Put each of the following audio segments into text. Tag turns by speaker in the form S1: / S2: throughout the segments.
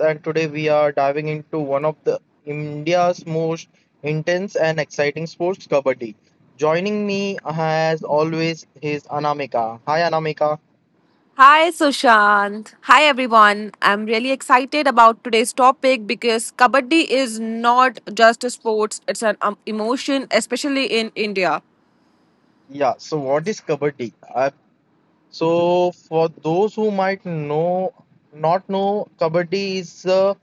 S1: and today we are diving into one of the India's most intense and exciting sports, Kabaddi. Joining me as always is Anamika. Hi Anamika.
S2: Hi, Sushant. Hi, everyone. I'm really excited about today's topic because Kabaddi is not just a sport, it's an emotion, especially in India.
S1: Yeah, so what is Kabaddi? So for those who might know not know, Kabaddi is a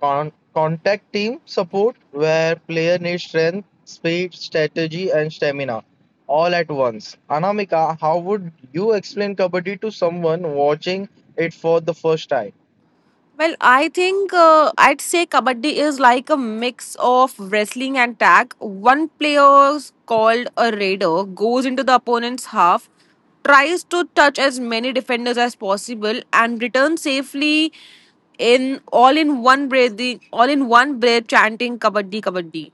S1: Con- contact team support where player needs strength, speed, strategy and stamina all at once. Anamika, how would you explain kabaddi to someone watching it for the first time?
S2: Well, I think I'd say kabaddi is like a mix of wrestling and tag. One player called a raider goes into the opponent's half, tries to touch as many defenders as possible, and returns safely in all in one breath, chanting kabaddi, kabaddi.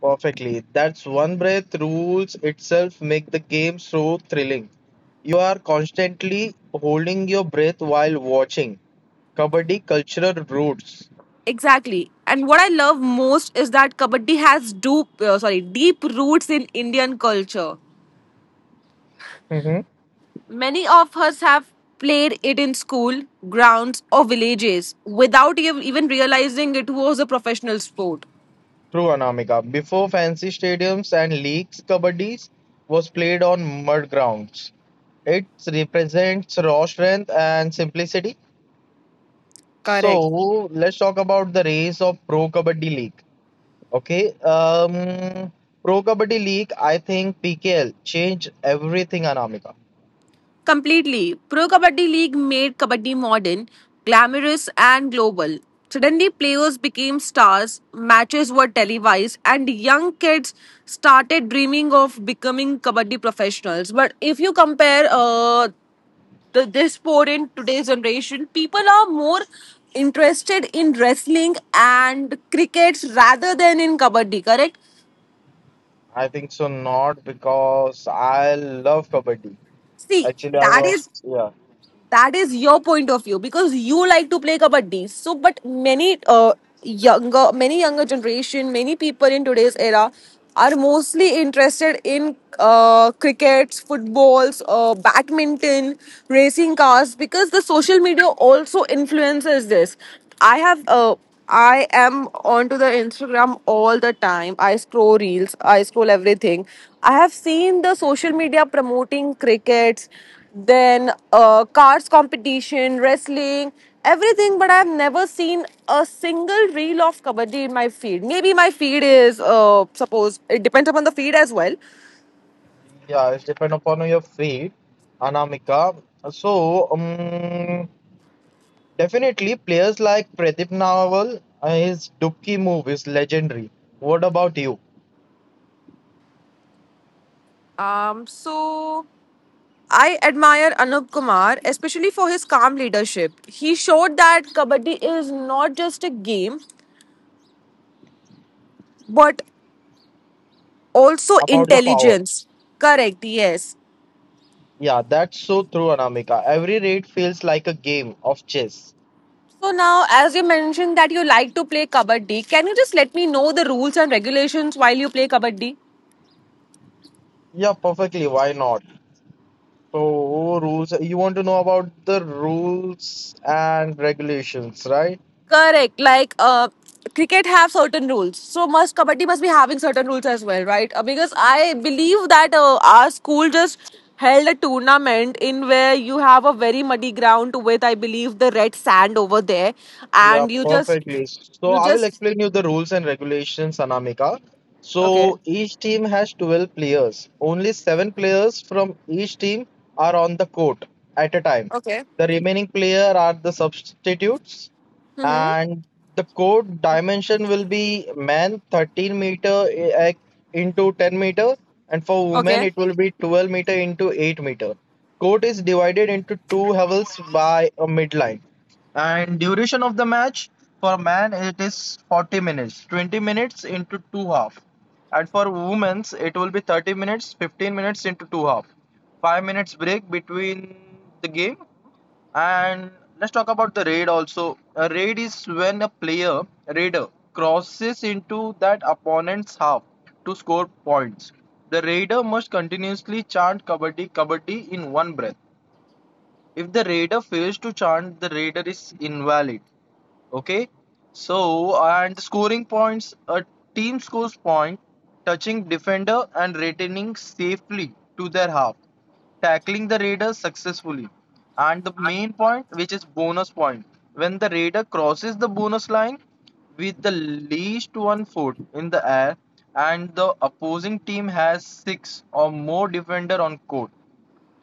S1: Perfectly. That's one breath rules itself make the game so thrilling. You are constantly holding your breath while watching. Kabaddi cultural roots.
S2: Exactly. And what I love most is that kabaddi has deep roots in Indian culture.
S1: Mm-hmm.
S2: Many of us have played it in school, grounds, or villages without even realizing it was a professional sport.
S1: True, Anamika. Before fancy stadiums and leagues, kabaddi was played on mud grounds. It represents raw strength and simplicity.
S2: Correct.
S1: So let's talk about the race of Pro Kabaddi League. Okay, um, Pro Kabaddi League. I think PKL changed everything, Anamika.
S2: Completely. Pro Kabaddi League made Kabaddi modern, glamorous, and global. Suddenly, players became stars, matches were televised, and young kids started dreaming of becoming Kabaddi professionals. But if you compare the this point in today's generation, people are more interested in wrestling and crickets rather than in kabaddi. Correct?
S1: I think so, not because I love kabaddi.
S2: See,
S1: Actually, I
S2: that
S1: was.
S2: is
S1: Yeah.
S2: that is your point of view because you like to play kabaddi. So, but many younger generation, many people in today's era are mostly interested in crickets, footballs, badminton, racing cars because the social media also influences this. I have I am onto the Instagram all the time. I scroll reels, I scroll everything. I have seen the social media promoting crickets, then cars competition, wrestling, everything, but I have never seen a single reel of kabaddi in my feed. Maybe my feed is, suppose, it depends upon the feed as well.
S1: Yeah, it's depend upon your fate, Anamika. So, definitely players like Pratip Nawal, his Dubki move is legendary. What about you?
S2: So I admire Anup Kumar, especially for his calm leadership. He showed that kabaddi is not just a game, but also
S1: About the power.
S2: intelligence. Correct, yes.
S1: Yeah, that's so true, Anamika. Every raid feels like a game of chess.
S2: So now, as you mentioned that you like to play kabaddi, can you just let me know the rules and regulations while you play kabaddi?
S1: Yeah, perfectly. Why not? So, rules. You want to know about the rules and regulations, right?
S2: Correct. Like, cricket have certain rules, so must kabaddi must be having certain rules as well, right? Because I believe that our school just held a tournament in where you have a very muddy ground with, I believe, the red sand over there,
S1: Yeah,
S2: and
S1: perfectly. So
S2: you
S1: I will
S2: just,
S1: explain you the rules and regulations, Anamika.
S2: okay,
S1: So each team has 12 players. Only seven players from each team are on the court at a time.
S2: okay,
S1: The remaining player are the substitutes,
S2: mm-hmm.
S1: and the court dimension will be men 13 meter into 10 meter, and for women
S2: Okay.
S1: it will be 12-meter into 8 meter. Court is divided into two levels by a midline. And duration of the match for man it is 40 minutes, 20 minutes into two half. And for women's it will be 30 minutes, 15 minutes into two half. 5 minutes break between the game and let's talk about the raid also. A raid is when a player raider crosses into that opponent's half to score points. The raider must continuously chant kabaddi kabaddi in one breath. If the raider fails to chant, the raider is invalid. Okay. So, and scoring points, a team scores point touching defender and returning safely to their half, tackling the raider successfully. And the main point, which is bonus point, when the raider crosses the bonus line with the least 1 foot in the air and the opposing team has six or more defender on court.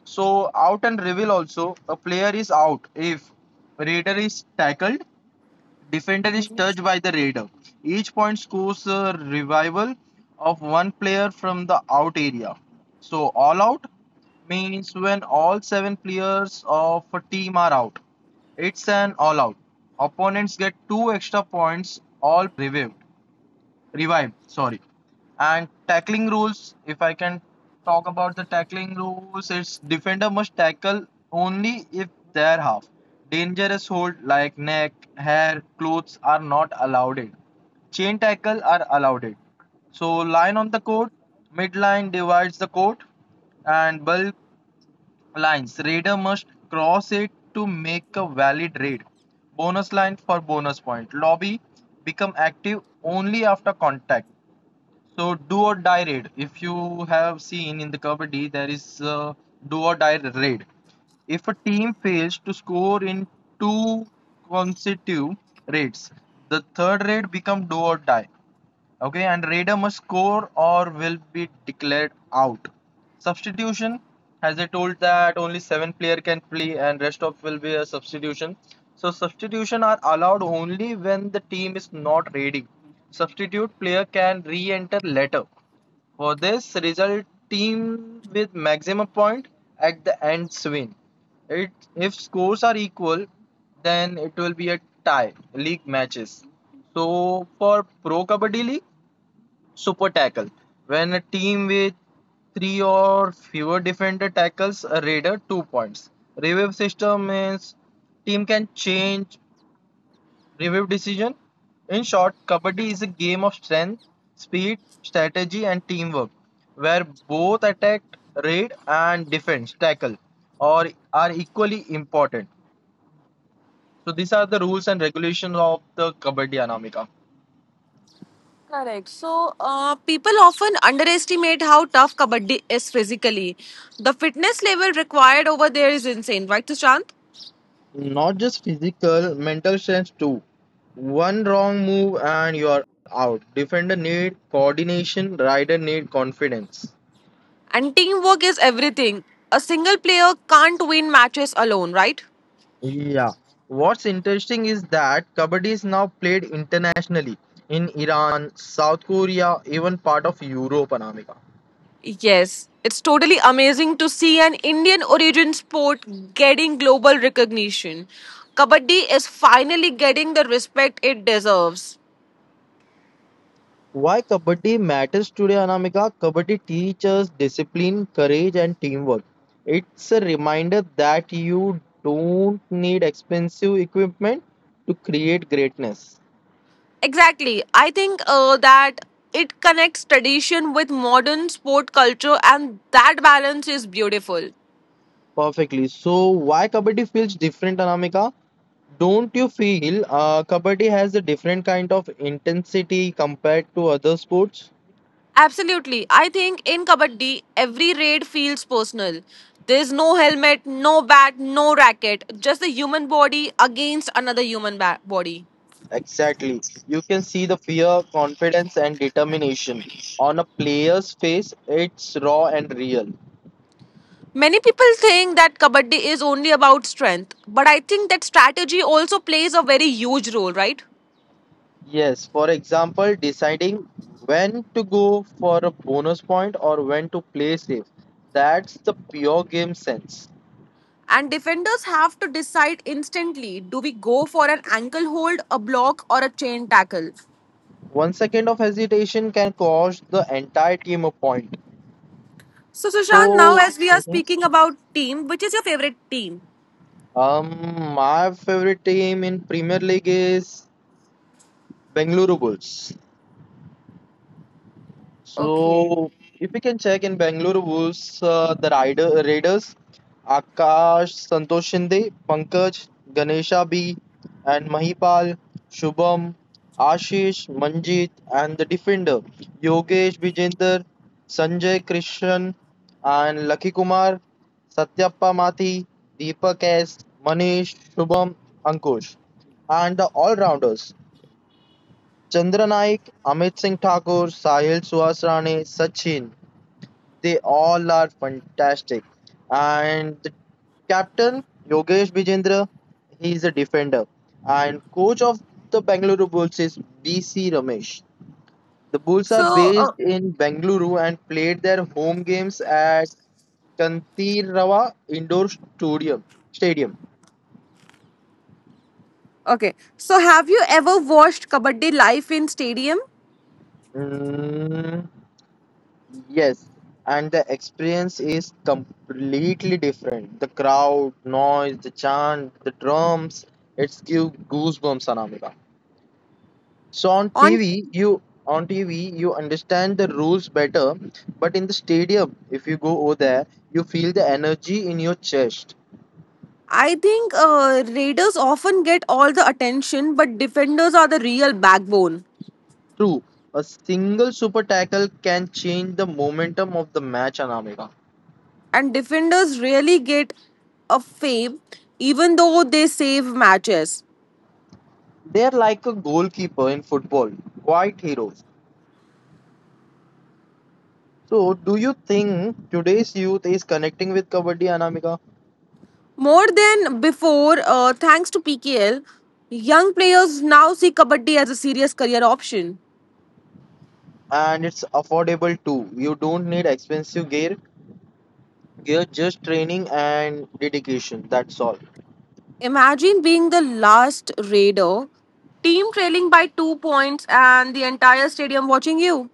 S1: So out and reveal also a player is out if raider is tackled defender is touched by the raider. Each point scores a revival of one player from the out area. So all out means when all seven players of a team are out. It's an all out. Opponents get two extra points. All players are revived, revive, sorry, and tackling rules. If I can talk about the tackling rules, it's defender must tackle only if their half. Dangerous hold like neck, hair, clothes are not allowed. It chain tackle are allowed. It so line on the court midline divides the court, and bulk lines, raider must cross it to make a valid raid. Bonus line for bonus point. Lobby become active only after contact. So do or die raid. If you have seen in the Kabaddi, there is a do or die raid. If a team fails to score in two consecutive raids, the third raid become do or die. Okay, and raider must score or will be declared out. Substitution, as I told that only seven player can play and rest of will be a substitution. So substitution are allowed only when the team is not ready. Substitute player can re-enter later. For this result, team with maximum point at the end win. It If scores are equal, then it will be a tie league matches. So for Pro Kabaddi League. Super tackle. When a team with three or fewer defender tackles a raider, 2 points. Revive system means team can change revive decision. In short, Kabaddi is a game of strength, speed, strategy, and teamwork, where both attack, raid, and defense tackle or are equally important. So these are the rules and regulations of the Kabaddi Anamika.
S2: Correct. So, people often underestimate how tough Kabaddi is physically. The fitness level required over there is insane, right, Sushant?
S1: Not just physical, mental strength too. One wrong move and you're out. Defender need coordination, rider need confidence.
S2: And teamwork is everything. A single player can't win matches alone, right?
S1: Yeah. What's interesting is that Kabaddi is now played internationally in Iran, South Korea, even part of Europe, Anamika.
S2: Yes. It's totally amazing to see an Indian origin sport getting global recognition. Kabaddi is finally getting the respect it deserves.
S1: Why Kabaddi matters today, Anamika? Kabaddi teaches discipline, courage, and teamwork. It's a reminder that you don't need expensive equipment to create greatness.
S2: Exactly. I think that it connects tradition with modern sport culture, and that balance is beautiful.
S1: Perfectly. So, why Kabaddi feels different, Anamika? Don't you feel Kabaddi has a different kind of intensity compared to other sports?
S2: Absolutely. I think in Kabaddi, every raid feels personal. There's no helmet, no bat, no racket, just the human body against another human body.
S1: Exactly. You can see the fear, confidence, and determination on a player's face. It's raw and real.
S2: Many people think that Kabaddi is only about strength, but I think that strategy also plays a very huge role, right?
S1: Yes, for example, deciding when to go for a bonus point or when to play safe. That's the pure game sense.
S2: And defenders have to decide instantly do we go for an ankle hold, a block, or a chain tackle?
S1: 1 second of hesitation can cost the entire team a point.
S2: So, Sushant, now
S1: So,
S2: as we are
S1: Mhm.
S2: speaking about team, which is your favorite team?
S1: My favorite team in Premier League is Bengaluru Bulls.
S2: Okay.
S1: So, if we can check in Bangalore Wolves, the Raiders, Akash, Santosh Shinde, Pankaj, Ganesha B, and Mahipal, Shubham, Ashish, Manjit, and the defender Yogesh Vijender, Sanjay Krishan, and Lucky Kumar, Satyappa Mathi, Deepak S, Manish, Shubham, Ankush, and the all rounders. Chandra Naik, Amit Singh Thakur, Sahil Suhasrani, Sachin, they all are fantastic. And the captain, Yogesh Bijendra, he is a defender. And coach of the Bengaluru Bulls is BC Ramesh. The Bulls are
S2: So,
S1: based in Bengaluru and played their home games at Kantirava Indoor Stadium.
S2: okay. So, have you ever watched Kabaddi live in stadium?
S1: Mm, Yes, and the experience is completely different. The crowd, noise, the chant, the drums, it's give goosebumps, Anamika. So on
S2: On,
S1: TV, you understand the rules better, but in the stadium, if you go over there, you feel the energy in your chest.
S2: I think Raiders often get all the attention, but defenders are the real backbone,
S1: True, a single super tackle can change the momentum of the match, Anamika.
S2: and defenders really get a fame, even though they save matches.
S1: They're like a goalkeeper in football, quite heroes. So, do you think today's youth is connecting with Kabaddi, Anamika?
S2: More than before, thanks to PKL, young players now see Kabaddi as a serious career option.
S1: And it's affordable too. You don't need expensive gear, just training and dedication. That's all.
S2: Imagine being the last raider, team trailing by 2 points, and the entire stadium watching you.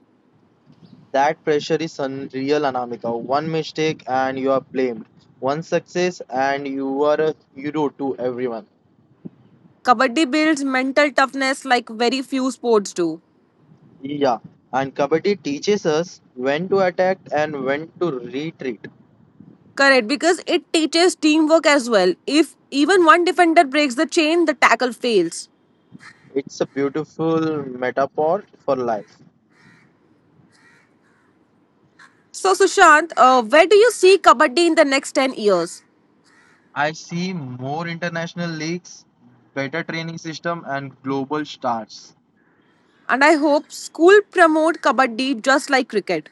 S1: That pressure is unreal, Anamika. One mistake and you are blamed. One success and you are a hero to everyone.
S2: Kabaddi builds mental toughness like very few sports do.
S1: Yeah. And Kabaddi teaches us when to attack and when to retreat.
S2: Correct, because it teaches teamwork as well. If even one defender breaks the chain, the tackle fails.
S1: It's a beautiful metaphor for life.
S2: So, Sushant, where do you see Kabaddi in the next 10 years?
S1: I see more international leagues, better training system, and global stars.
S2: And I hope school promote kabaddi just like cricket.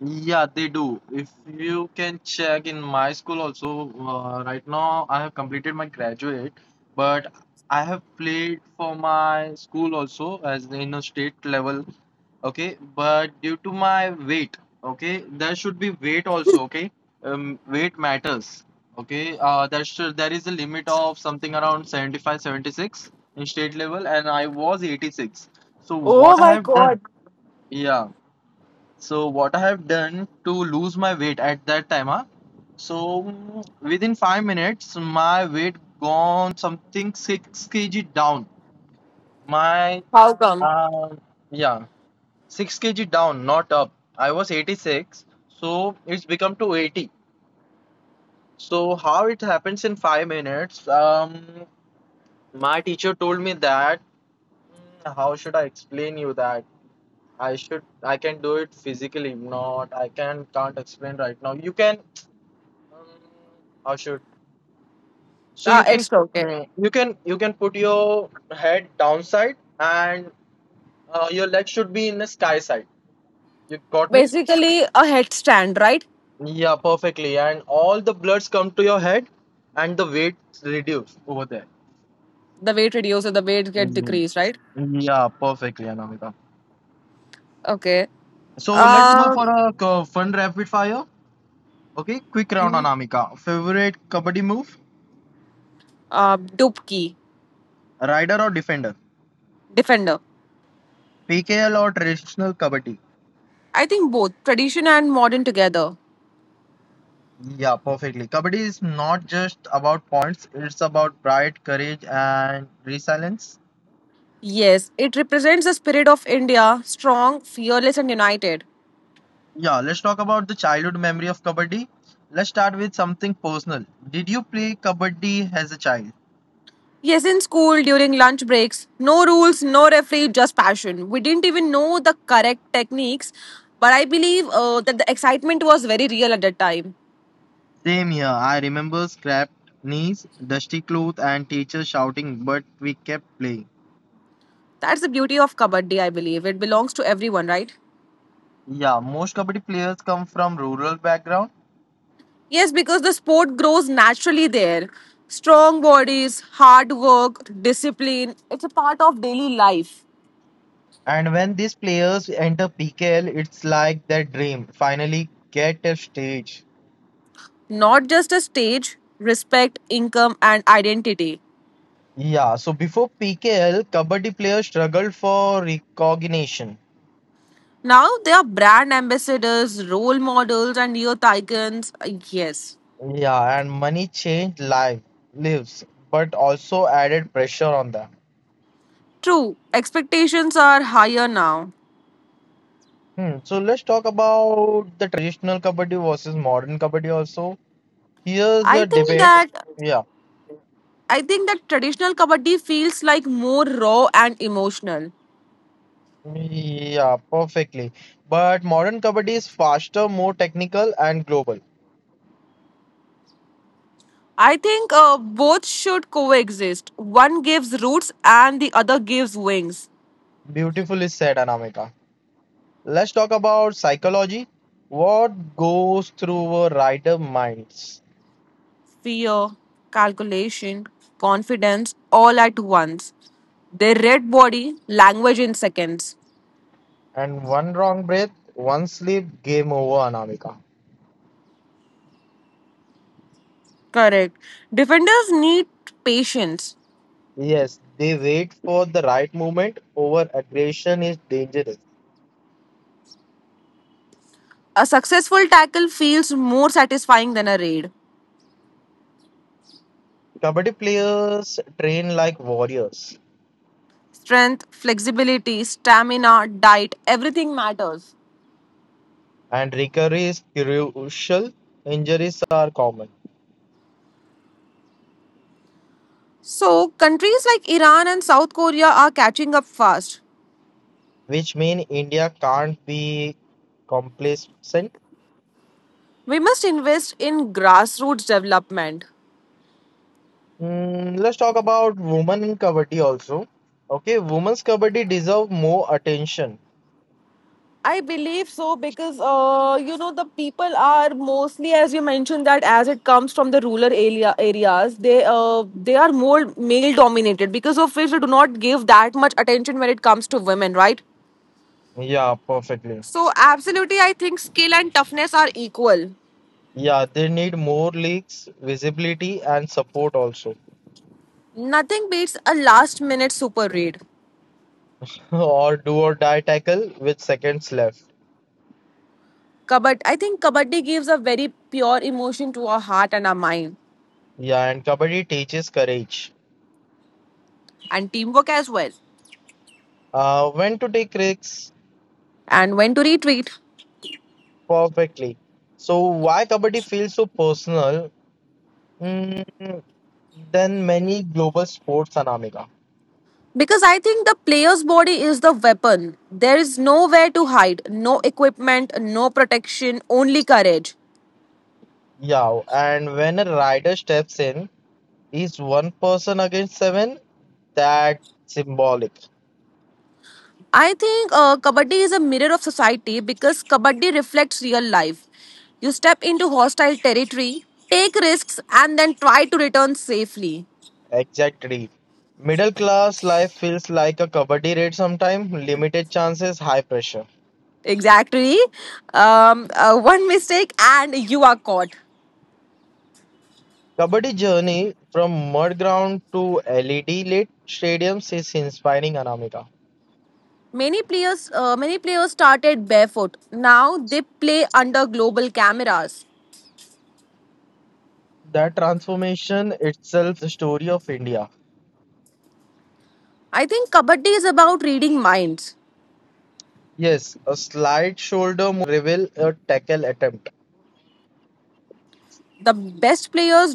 S1: Yeah, they do. If you can check in my school also, right now I have completed my graduate, but I have played for my school also as in a state level, okay, but due to my weight, okay, there should be weight also, okay, weight matters, okay, there is a limit of something around 75, 76 in state level and I was 86. So
S2: Oh
S1: what I
S2: my
S1: have done
S2: god.
S1: yeah so what I have done to lose my weight at that time, huh? So within 5 minutes my weight gone something 6 kg down my
S2: How come?
S1: uh, yeah, 6 kg down, not up. I was 86, so it's become to 80. So how it happens in 5 minutes? My teacher told me that how should I explain you that? I can do it physically, not I can can't explain right now. You can um, how should so you can
S2: It's okay.
S1: you can put your head downside and your leg should be in the sky side. You got me?
S2: Basically, a headstand, right?
S1: Yeah, perfectly. And all the bloods come to your head and the weight reduce over there.
S2: The weight reduces, the weight get
S1: Mhm.
S2: decreased, right?
S1: Yeah, perfectly, Anamika.
S2: Okay.
S1: So let's go
S2: Um,
S1: for a fun rapid fire. Okay, quick round,
S2: mhm.
S1: Anamika. Favorite kabaddi move?
S2: Dupki,
S1: Rider or defender?
S2: defender.
S1: PKL or traditional kabaddi?
S2: I think both tradition and modern together.
S1: Yeah, perfectly. Kabaddi is not just about points, it's about pride, courage, and resilience.
S2: Yes, it represents the spirit of India, strong, fearless, and united.
S1: Yeah, let's talk about the childhood memory of kabaddi. Let's start with something personal. Did you play kabaddi as a child?
S2: Yes, in school during lunch breaks, no rules, no referee, just passion. We didn't even know the correct techniques, but I believe that the excitement was very real at that time.
S1: Same here. I remember scrapped knees, dusty clothes, and teachers shouting, but we kept playing.
S2: That's the beauty of Kabaddi, I believe. It belongs to everyone, right?
S1: Yeah, most kabaddi players come from rural background,
S2: Yes, because the sport grows naturally there. Strong bodies, hard work, discipline, it's a part of daily life.
S1: and when these players enter PKL, it's like their dream finally get a stage.
S2: Not just a stage, respect, income, and identity.
S1: Yeah, so before PKL, kabaddi players struggled for recognition.
S2: Now they are brand ambassadors, role models, and youth icons. Yes,
S1: Yeah, and money changed life lives, but also added pressure on them.
S2: true. Expectations are higher now.
S1: Hmm. So let's talk about the traditional kabaddi versus modern kabaddi also. Here's
S2: I
S1: the
S2: think
S1: debate.
S2: that
S1: Yeah,
S2: I think that traditional kabaddi feels like more raw and emotional.
S1: yeah, perfectly. But modern kabaddi is faster, more technical, and global.
S2: I think both should coexist. One gives roots, and the other gives wings.
S1: Beautifully said, Anamika. Let's talk about psychology. What goes through a rider minds?
S2: Fear, calculation, confidence, all at once. They read body language in seconds.
S1: And one wrong breath, one slip, game over, Anamika.
S2: Correct. Defenders need patience.
S1: Yes, they wait for the right moment. Over aggression is dangerous.
S2: A successful tackle feels more satisfying than a raid.
S1: Kabaddi players train like warriors,
S2: Strength, flexibility, stamina, diet, everything matters.
S1: and recovery is crucial. Injuries are common,
S2: So, countries like Iran and South Korea are catching up fast.
S1: which mean India can't be complacent.
S2: We must invest in grassroots development.
S1: Let's talk about women in kabaddi also. Okay, women's kabaddi deserve more attention.
S2: I believe so because you know the people are mostly, as you mentioned, that as it comes from the rural areas, they are more male dominated. Because of which, they do not give that much attention when it comes to women, right?
S1: Yeah, perfectly.
S2: So, absolutely, I think skill and toughness are equal.
S1: Yeah, they need more leagues, visibility, and support also.
S2: Nothing beats a last minute super raid.
S1: Or do or die tackle with seconds left.
S2: I think Kabaddi gives a very pure emotion to our heart and our mind,
S1: Yeah, and Kabaddi teaches courage.
S2: and teamwork as well.
S1: When to take risks
S2: And when to retreat.
S1: perfectly. So why Kabaddi feels so personal mm, than many global sports, Anamika?
S2: Because I think the player's body is the weapon. There is nowhere to hide, no equipment, no protection, only courage.
S1: Yeah, and when a rider steps in, is one person against seven, that symbolic.
S2: I think Kabaddi is a mirror of society because Kabaddi reflects real life. You step into hostile territory, take risks, and then try to return safely.
S1: Exactly. Middle class life feels like a Kabaddi raid sometime, limited chances, high pressure.
S2: Exactly. One mistake and you are caught.
S1: Kabaddi journey from mud ground to LED lit stadiums is inspiring, Anamika.
S2: Many players started barefoot. Now they play under global cameras.
S1: That transformation itself is the story of India.
S2: I think Kabaddi is about reading minds.
S1: Yes, a slight shoulder movement can reveal a tackle attempt.
S2: The best players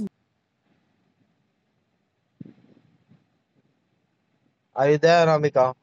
S1: Are you there, Anamika?